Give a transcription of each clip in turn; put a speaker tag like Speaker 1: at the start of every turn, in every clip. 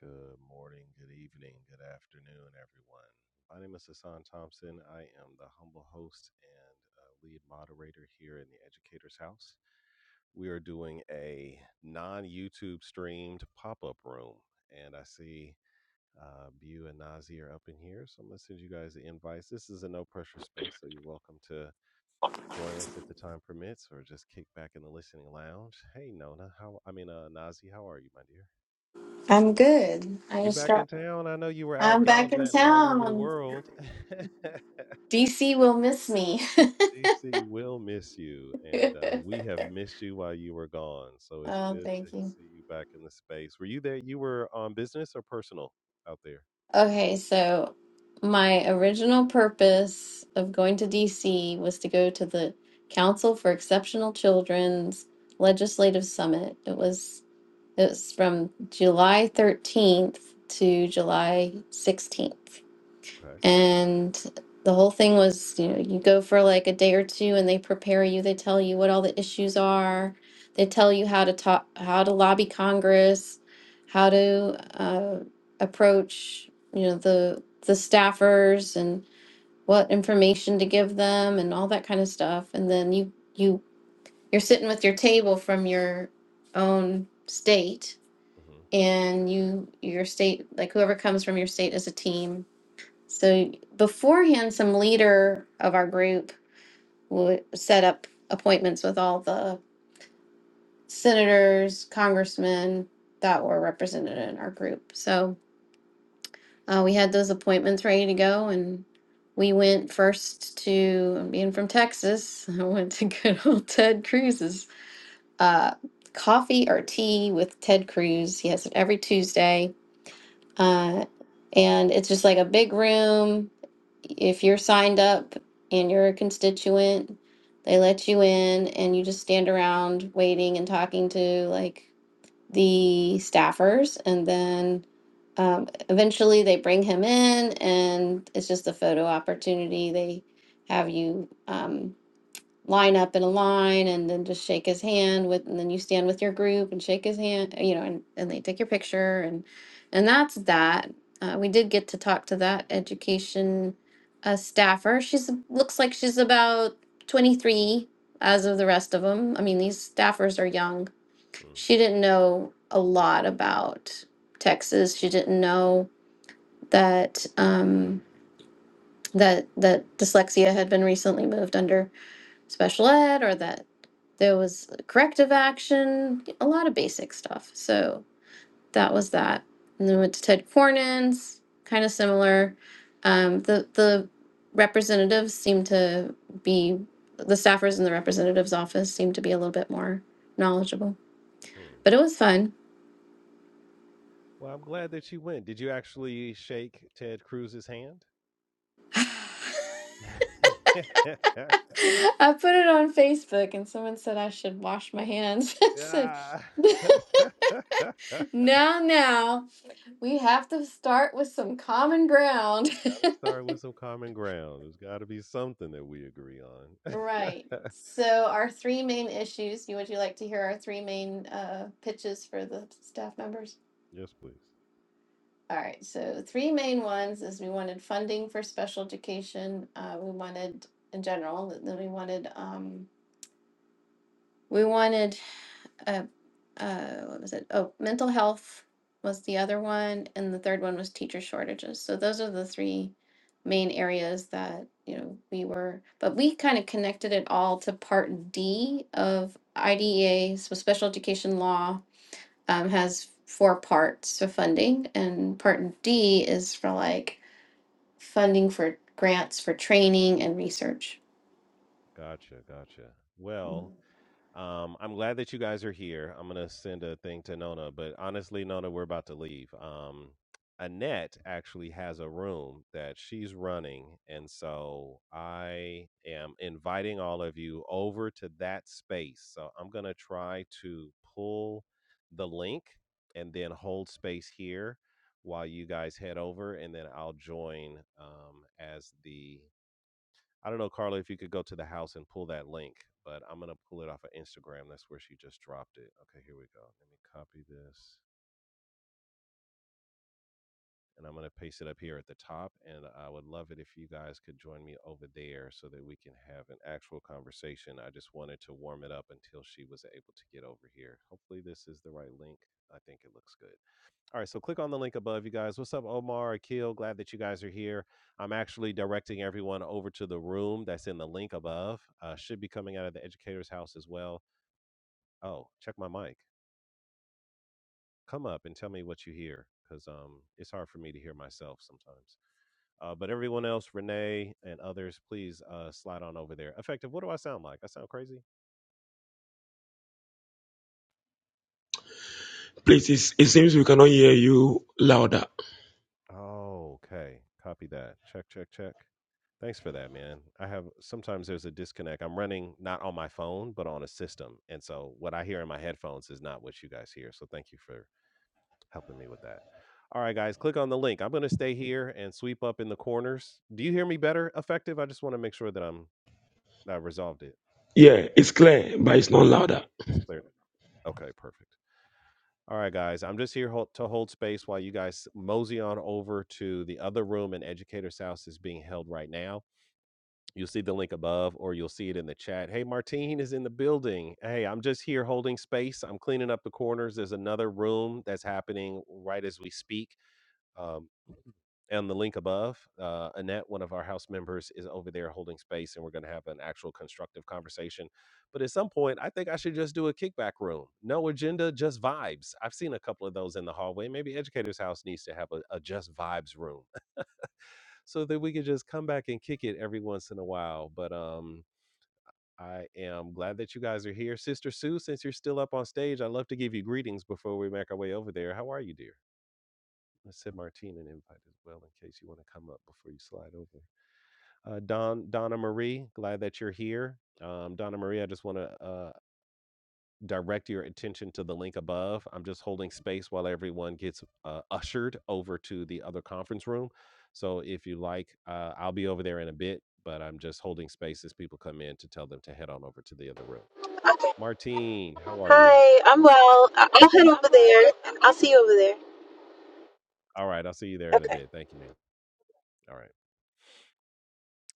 Speaker 1: Good morning, good evening, good afternoon, everyone. My name is Hassan Thompson. I am the humble host and uh, lead moderator here in the Educator's House. We are doing a non YouTube streamed pop up room, and I see uh, Bu and Nazi are up in here. So I'm going to send you guys the invites. This is a no pressure space, so you're welcome to join us if the time permits or just kick back in the listening lounge. Hey, Nona, how I mean, uh, Nazi, how are you, my dear?
Speaker 2: I'm good. I
Speaker 1: You
Speaker 2: just
Speaker 1: back in
Speaker 2: got.
Speaker 1: town? I know you were out
Speaker 2: I'm back in
Speaker 1: gallivanting all over the
Speaker 2: town.
Speaker 1: world.
Speaker 2: DC will miss me.
Speaker 1: DC will miss you, and uh, we have missed you while you were gone. So it's
Speaker 2: oh,
Speaker 1: good to
Speaker 2: thank you.
Speaker 1: see you back in the space. Were you there? You were on business or personal out there?
Speaker 2: Okay, so my original purpose of going to DC was to go to the Council for Exceptional Children's Legislative Summit. It was it was from July 13th to July 16th.
Speaker 1: Okay.
Speaker 2: And the whole thing was, you know, you go for like a day or two and they prepare you, they tell you what all the issues are, they tell you how to talk, how to lobby Congress, how to uh, approach, you know, the the staffers and what information to give them and all that kind of stuff. And then you you you're sitting with your table from your own state
Speaker 1: hmm Okay.
Speaker 2: and you your state like whoever comes from your state as a team so beforehand, some leader of our group would set up appointments with all the senators, congressmen that were represented in our group. So uh, we had those appointments ready to go, and we went first to being from Texas. I went to good old Ted Cruz's uh, coffee or tea with Ted Cruz. He has it every Tuesday, uh, and it's just like a big room if you're signed up and you're a constituent, they let you in and you just stand around waiting and talking to like the staffers. And then um, eventually they bring him in and it's just a photo opportunity. They have you. Um, line up in a line and then just shake his hand with and then you stand with your group and shake his hand you know and, and they take your picture and and that's that uh, we did get to talk to that education uh, staffer she's looks like she's about 23 as of the rest of them i mean these staffers are young
Speaker 1: mm
Speaker 2: she didn't know a lot about texas she didn't know that um that that dyslexia had been recently moved under special ed or that there was corrective action, a lot of basic stuff. So that was that. And then
Speaker 1: mm
Speaker 2: went to Ted Cornyn's, kind of similar. Um, the the representatives seem to be the staffers in the representative's office seem to be a little bit more knowledgeable.
Speaker 1: mm.
Speaker 2: But it was fun.
Speaker 1: Well, I'm glad that you went. Did you actually shake Ted Cruz's hand?
Speaker 2: I put it on Facebook and someone said I should wash my hands. I said,
Speaker 1: yeah. gotta
Speaker 2: now, now. We have to start with some common ground.
Speaker 1: start with some common ground. There's gotta be something that we agree on.
Speaker 2: Right. So our three main issues, you would you like to hear our three main uh, pitches for the staff members?
Speaker 1: yes, please.
Speaker 2: All right. So three main ones is we wanted funding for special education. Uh, we wanted in general, th- then we wanted um, we wanted uh, uh, what was it? Oh, mental health was the other one, and the third one was teacher shortages. So those are the three main areas that you know we were, but we kind of connected it all to Part D of IDEA. So special education law um, has four parts for funding, and Part D is for like funding for grants for training and research.
Speaker 1: Gotcha, gotcha. Well, Um, I'm glad that you guys are here. I'm gonna send a thing to Nona, but honestly, Nona, we're about to leave. Um, Annette actually has a room that she's running, and so I am inviting all of you over to that space. So I'm gonna try to pull the link and then hold space here while you guys head over, and then I'll join um, as the I don't know, Carla, if you could go to the house and pull that link, but I'm gonna pull it off of Instagram. That's where she just dropped it. Okay, here we go. Let me copy this, and I'm gonna paste it up here at the top. And I would love it if you guys could join me over there so that we can have an actual conversation. I just wanted to warm it up until she was able to get over here. Hopefully, this is the right link. I think it looks good. All right, so click on the link above, you guys. What's up, Omar, Akil? Glad that you guys are here. I'm actually directing everyone over to the room that's in the link above. Uh, should be coming out of the educator's house as well. Oh, check my mic. Come up and tell me what you hear, because um, it's hard for me to hear myself sometimes. Uh, but everyone else, Renee and others, please uh, slide on over there. Effective, what do I sound like? I sound crazy?
Speaker 3: Please, it seems we cannot hear you louder.
Speaker 1: Oh, okay. Copy that. Check, check, check. Thanks for that, man. I have sometimes there's a disconnect. I'm running not on my phone, but on a system. And so what I hear in my headphones is not what you guys hear. So thank you for helping me with that. All right, guys, click on the link. I'm going to stay here and sweep up in the corners. Do you hear me better? Effective? I just want to make sure that I'm I resolved it.
Speaker 3: Yeah, it's clear, but it's not louder.
Speaker 1: It's clear. Okay, perfect. All right, guys, I'm just here hol- to hold space while you guys mosey on over to the other room And Educator's House is being held right now. You'll see the link above or you'll see it in the chat. Hey, Martine is in the building. Hey, I'm just here holding space. I'm cleaning up the corners. There's another room that's happening right as we speak. Um, and the link above, uh, Annette, one of our house members, is over there holding space, and we're going to have an actual constructive conversation. But at some point, I think I should just do a kickback room. No agenda, just vibes. I've seen a couple of those in the hallway. Maybe Educator's House needs to have a, a just vibes room so that we could just come back and kick it every once in a while. But um, I am glad that you guys are here. Sister Sue, since you're still up on stage, I'd love to give you greetings before we make our way over there. How are you, dear? Let's send Martine an invite as well in case you want to come up before you slide over. Uh, Don Donna Marie, glad that you're here. Um, Donna Marie, I just want to uh, direct your attention to the link above. I'm just holding space while everyone gets uh, ushered over to the other conference room. So if you like, uh, I'll be over there in a bit, but I'm just holding space as people come in to tell them to head on over to the other room.
Speaker 4: Okay.
Speaker 1: Martine, how are you?
Speaker 4: Hi, I'm well. I- I'll head over there and I'll see you over there.
Speaker 1: All right, I'll see you there in a
Speaker 4: Okay.
Speaker 1: bit. Thank you, ma'am. All right.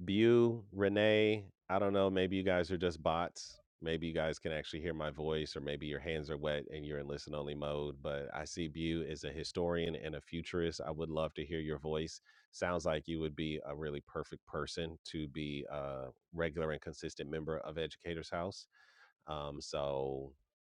Speaker 1: Bu, Renee, I don't know. Maybe you guys are just bots. Maybe you guys can actually hear my voice, or maybe your hands are wet and you're in listen only mode. But I see Bu is a historian and a futurist. I would love to hear your voice. Sounds like you would be a really perfect person to be a regular and consistent member of Educators House. Um, so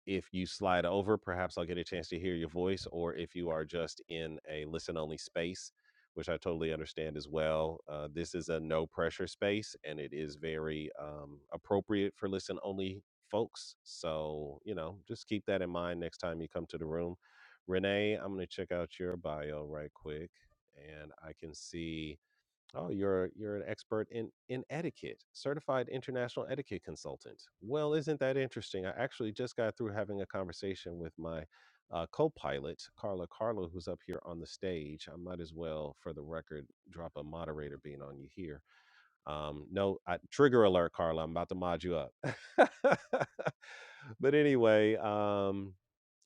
Speaker 1: if you slide over, perhaps I'll get a chance to hear your voice, or if you are just in a listen only space, which I totally understand as well. Uh, this is a no pressure space and it is very um, appropriate for listen only folks. So, you know, just keep that in mind next time you come to the room. Renee, I'm going to check out your bio right quick and I can see. Oh, you're you're an expert in in etiquette, certified international etiquette consultant. Well, isn't that interesting? I actually just got through having a conversation with my uh, co-pilot Carla Carla, who's up here on the stage. I might as well, for the record, drop a moderator being on you here. Um, no, I, trigger alert, Carla. I'm about to mod you up. but anyway, um,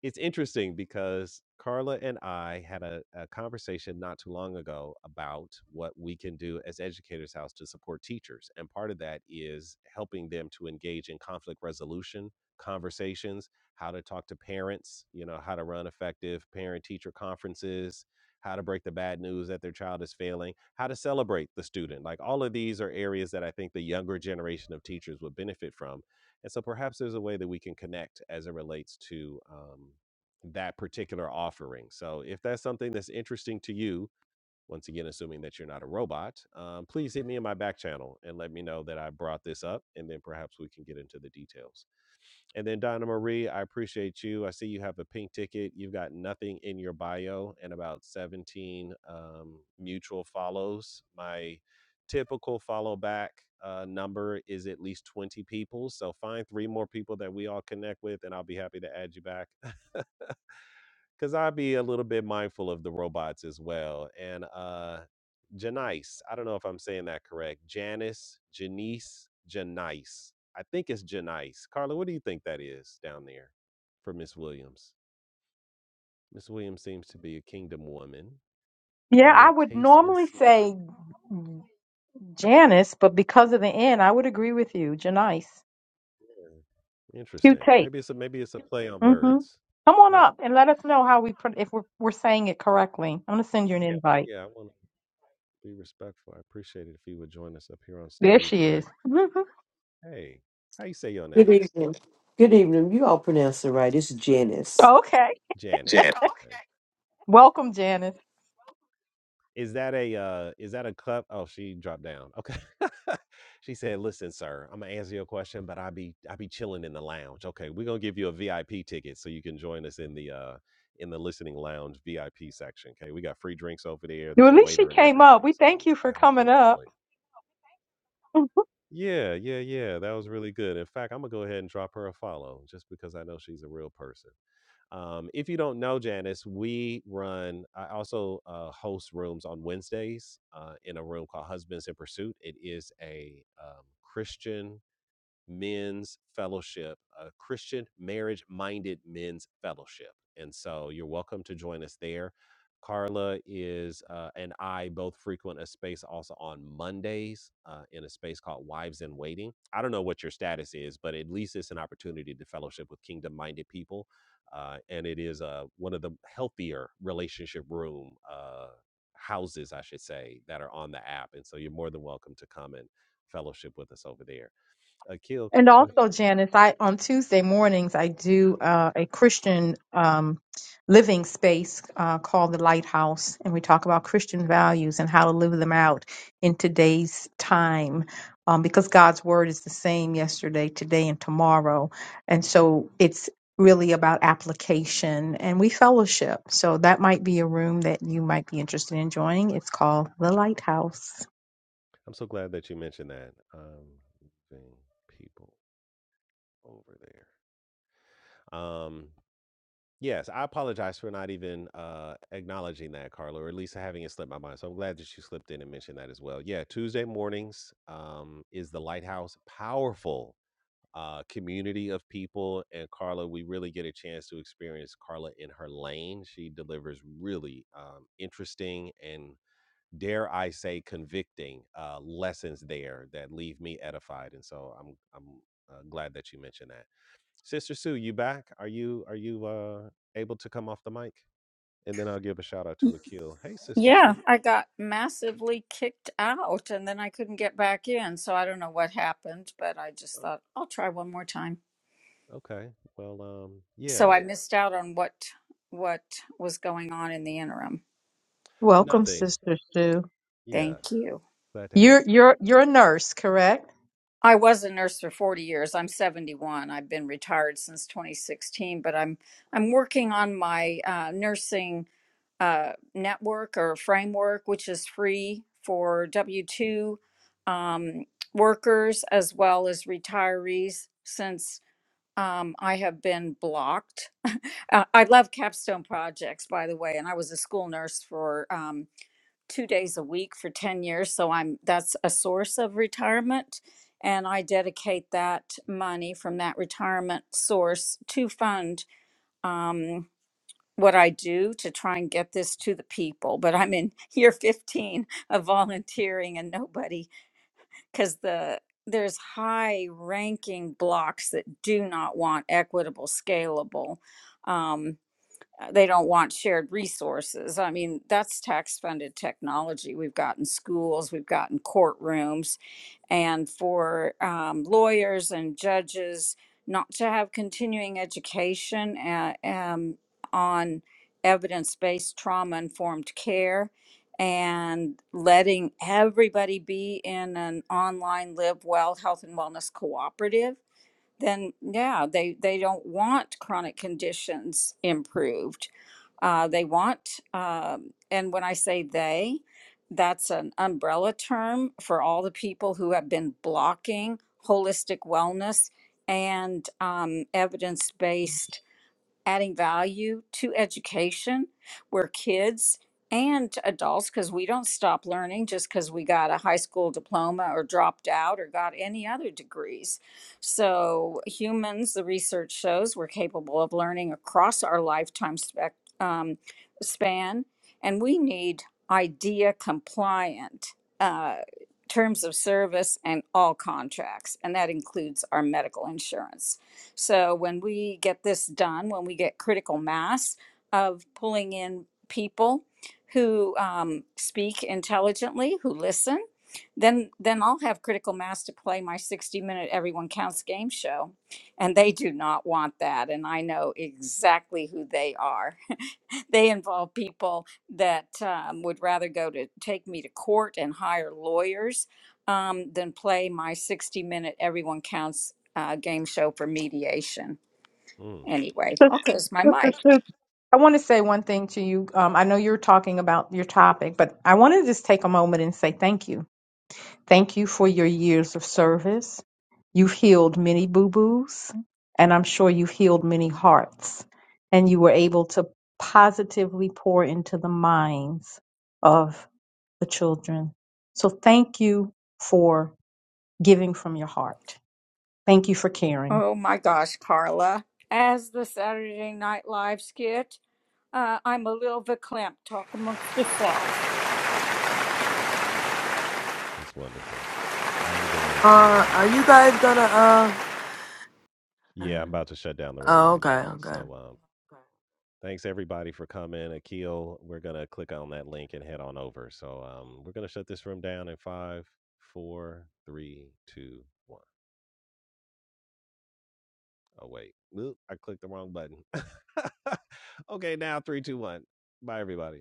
Speaker 1: it's interesting because Carla and I had a, a conversation not too long ago about what we can do as Educators House to support teachers. And part of that is helping them to engage in conflict resolution conversations, how to talk to parents, you know, how to run effective parent teacher conferences, how to break the bad news that their child is failing, how to celebrate the student. Like all of these are areas that I think the younger generation of teachers would benefit from and so perhaps there's a way that we can connect as it relates to um, that particular offering. So if that's something that's interesting to you, once again, assuming that you're not a robot, um, please hit me in my back channel and let me know that I brought this up, and then perhaps we can get into the details. And then Donna Marie, I appreciate you. I see you have a pink ticket. You've got nothing in your bio and about 17 um, mutual follows. My typical follow back uh, number is at least 20 people. So find three more people that we all connect with, and I'll be happy to add you back because I'd be a little bit mindful of the robots as well. And uh Janice, I don't know if I'm saying that correct. Janice, Janice, Janice. I think it's Janice. Carla, what do you think that is down there for Miss Williams? Miss Williams seems to be a kingdom woman.
Speaker 5: Yeah, I
Speaker 1: Oh,
Speaker 5: would
Speaker 1: taste and
Speaker 5: normally
Speaker 1: see.
Speaker 5: say Janice, but because of the end, I would agree with you. Janice. Cute
Speaker 1: Interesting.
Speaker 5: tape.
Speaker 1: Maybe it's a maybe it's a play on
Speaker 5: Mm-hmm.
Speaker 1: words.
Speaker 5: Come on
Speaker 1: Right.
Speaker 5: up and let us know how we put if we're, we're saying it correctly. I'm gonna send you an invite.
Speaker 1: Yeah, I want to be respectful. I appreciate it if you would join us up here on
Speaker 5: There
Speaker 1: stage.
Speaker 5: she
Speaker 1: But
Speaker 5: is. Mhm.
Speaker 1: hey, how you say your
Speaker 6: Good
Speaker 1: name?
Speaker 6: evening. Good evening. You all pronounce it right. It's Janice.
Speaker 5: okay.
Speaker 1: Janice.
Speaker 6: Jan.
Speaker 5: Welcome, Janice.
Speaker 1: Is that a uh is that a cup? Oh, she dropped down. Okay. she said, "Listen, sir, I'm gonna answer your question, but I be I be chilling in the lounge. Okay, we're gonna give you a VIP ticket so you can join us in the uh in the listening lounge VIP section. Okay, we got free drinks over there.
Speaker 5: Well,
Speaker 1: There's
Speaker 5: at
Speaker 1: a
Speaker 5: least she
Speaker 1: waiter and
Speaker 5: came up.
Speaker 1: everything.
Speaker 5: We
Speaker 1: So
Speaker 5: thank you
Speaker 1: I
Speaker 5: for
Speaker 1: hope
Speaker 5: coming
Speaker 1: you
Speaker 5: up.
Speaker 1: enjoy it. Yeah, yeah, yeah. That was really good. In fact, I'm gonna go ahead and drop her a follow just because I know she's a real person. Um, if you don't know Janice, we run, I also uh, host rooms on Wednesdays uh, in a room called Husbands in Pursuit. It is a um, Christian men's fellowship, a Christian marriage minded men's fellowship. And so you're welcome to join us there. Carla is uh, and I both frequent a space also on Mondays uh, in a space called Wives in Waiting. I don't know what your status is, but at least it's an opportunity to fellowship with kingdom minded people. Uh, and it is uh, one of the healthier relationship room uh, houses, I should say, that are on the app. And so you're more than welcome to come and fellowship with us over there. Akil,
Speaker 5: And
Speaker 1: but
Speaker 5: also, Janice, I on Tuesday mornings I do uh, a Christian um, living space uh, called the Lighthouse, and we talk about Christian values and how to live them out in today's time, um, because God's word is the same yesterday, today, and tomorrow, and so it's really about application and we fellowship. So that might be a room that you might be interested in joining. It's called the Lighthouse.
Speaker 1: I'm so glad that you mentioned that. Um, moving people over there. Um, yes, I apologize for not even uh acknowledging that, Carla, or at least having it slip my mind. So I'm glad that you slipped in and mentioned that as well. Yeah, Tuesday mornings um is the lighthouse powerful uh community of people and Carla we really get a chance to experience Carla in her lane she delivers really um interesting and dare I say, convicting uh, lessons there that leave me edified. And so I'm I'm uh, glad that you mentioned that, Sister Sue. You back? Are you are you uh, able to come off the mic? And then I'll give a shout out to Akil. Hey, Sister Sue.
Speaker 7: Yeah, I
Speaker 1: Yeah.
Speaker 7: got massively kicked out and then I couldn't get back in. So I don't know what happened, but I just thought I'll try one more time.
Speaker 1: Okay. Well, um,
Speaker 7: So
Speaker 1: yeah.
Speaker 7: I missed out on what what was going on in the interim.
Speaker 5: Welcome,
Speaker 1: Nothing.
Speaker 5: Sister Sue.
Speaker 1: Yeah.
Speaker 7: Thank you.
Speaker 1: Glad to have
Speaker 5: You're
Speaker 1: you.
Speaker 5: you're you're a nurse, correct?
Speaker 7: I was a nurse for 40 years. I'm 71. I've been retired since 2016, but I'm I'm working on my uh, nursing uh, network or framework, which is free for W 2 um, workers as well as retirees, since um, I have been blocked. Uh, I love capstone projects, by the way, and I was a school nurse for um, two days a week for 10 years. So I'm that's a source of retirement. And I dedicate that money from that retirement source to fund. um what I do to try and get this to the people, but I'm in year 15 of volunteering and nobody cuz the there's high ranking blocks that do not want equitable scalable. Um, uh, they don't want shared resources. I mean, that's tax funded technology. We've got in schools, we've got in courtrooms, and for um, lawyers and judges not to have continuing education uh, um, on evidence based trauma informed care and letting everybody be in an online live well health and wellness cooperative then yeah they they don't want chronic conditions improved uh, they want. Um, and when I say they, that's an umbrella term for all the people who have been blocking holistic wellness and um, evidence based adding value to education where kids and adults, because we don't stop learning just because we got a high school diploma or dropped out or got any other degrees. So, humans, the research shows, we're capable of learning across our lifetime spec, um, span, and we need idea compliant. Uh, terms of service and all contracts and that includes our medical insurance so when we get this done, when we get critical mass of pulling in people who um, speak intelligently, who listen, then then I'll have critical mass to play my 60 minute everyone counts game show and they do not want that and I know exactly who they are they involve people that um, would rather go to take me to court and hire lawyers um, than play my 60 minute everyone counts uh, game show for mediation.
Speaker 1: Mm.
Speaker 7: Anyway,
Speaker 5: Sis-
Speaker 7: I'll close my
Speaker 5: Sister
Speaker 7: mic.
Speaker 5: Shook, I want to say one thing to you. Um, I know you're talking about your topic, but I want to just take a moment and say thank you. Thank you for your years of service. You've healed many boo boos, and I'm sure you've healed many hearts. And you were able to positively pour into the minds of the children. So thank you for giving from your heart. Thank you for caring.
Speaker 7: Oh my gosh, Carla. As the Saturday Night Live skit, uh, I'm a little verklempt. Talk amongst yourselves.
Speaker 1: That's wonderful. I'm going to.
Speaker 8: Are
Speaker 1: uh,
Speaker 8: are you guys gonna uh?
Speaker 1: Yeah, I'm about to shut down the room
Speaker 8: Oh,
Speaker 1: right
Speaker 8: okay,
Speaker 1: now.
Speaker 8: okay.
Speaker 1: So, um, thanks everybody for coming. Akil, we're gonna click on that link and head on over. So, um, we're gonna shut this room down in five, four, three, two, one. Oh wait, Oop, I clicked the wrong button. okay, now three, two, one. Bye, everybody.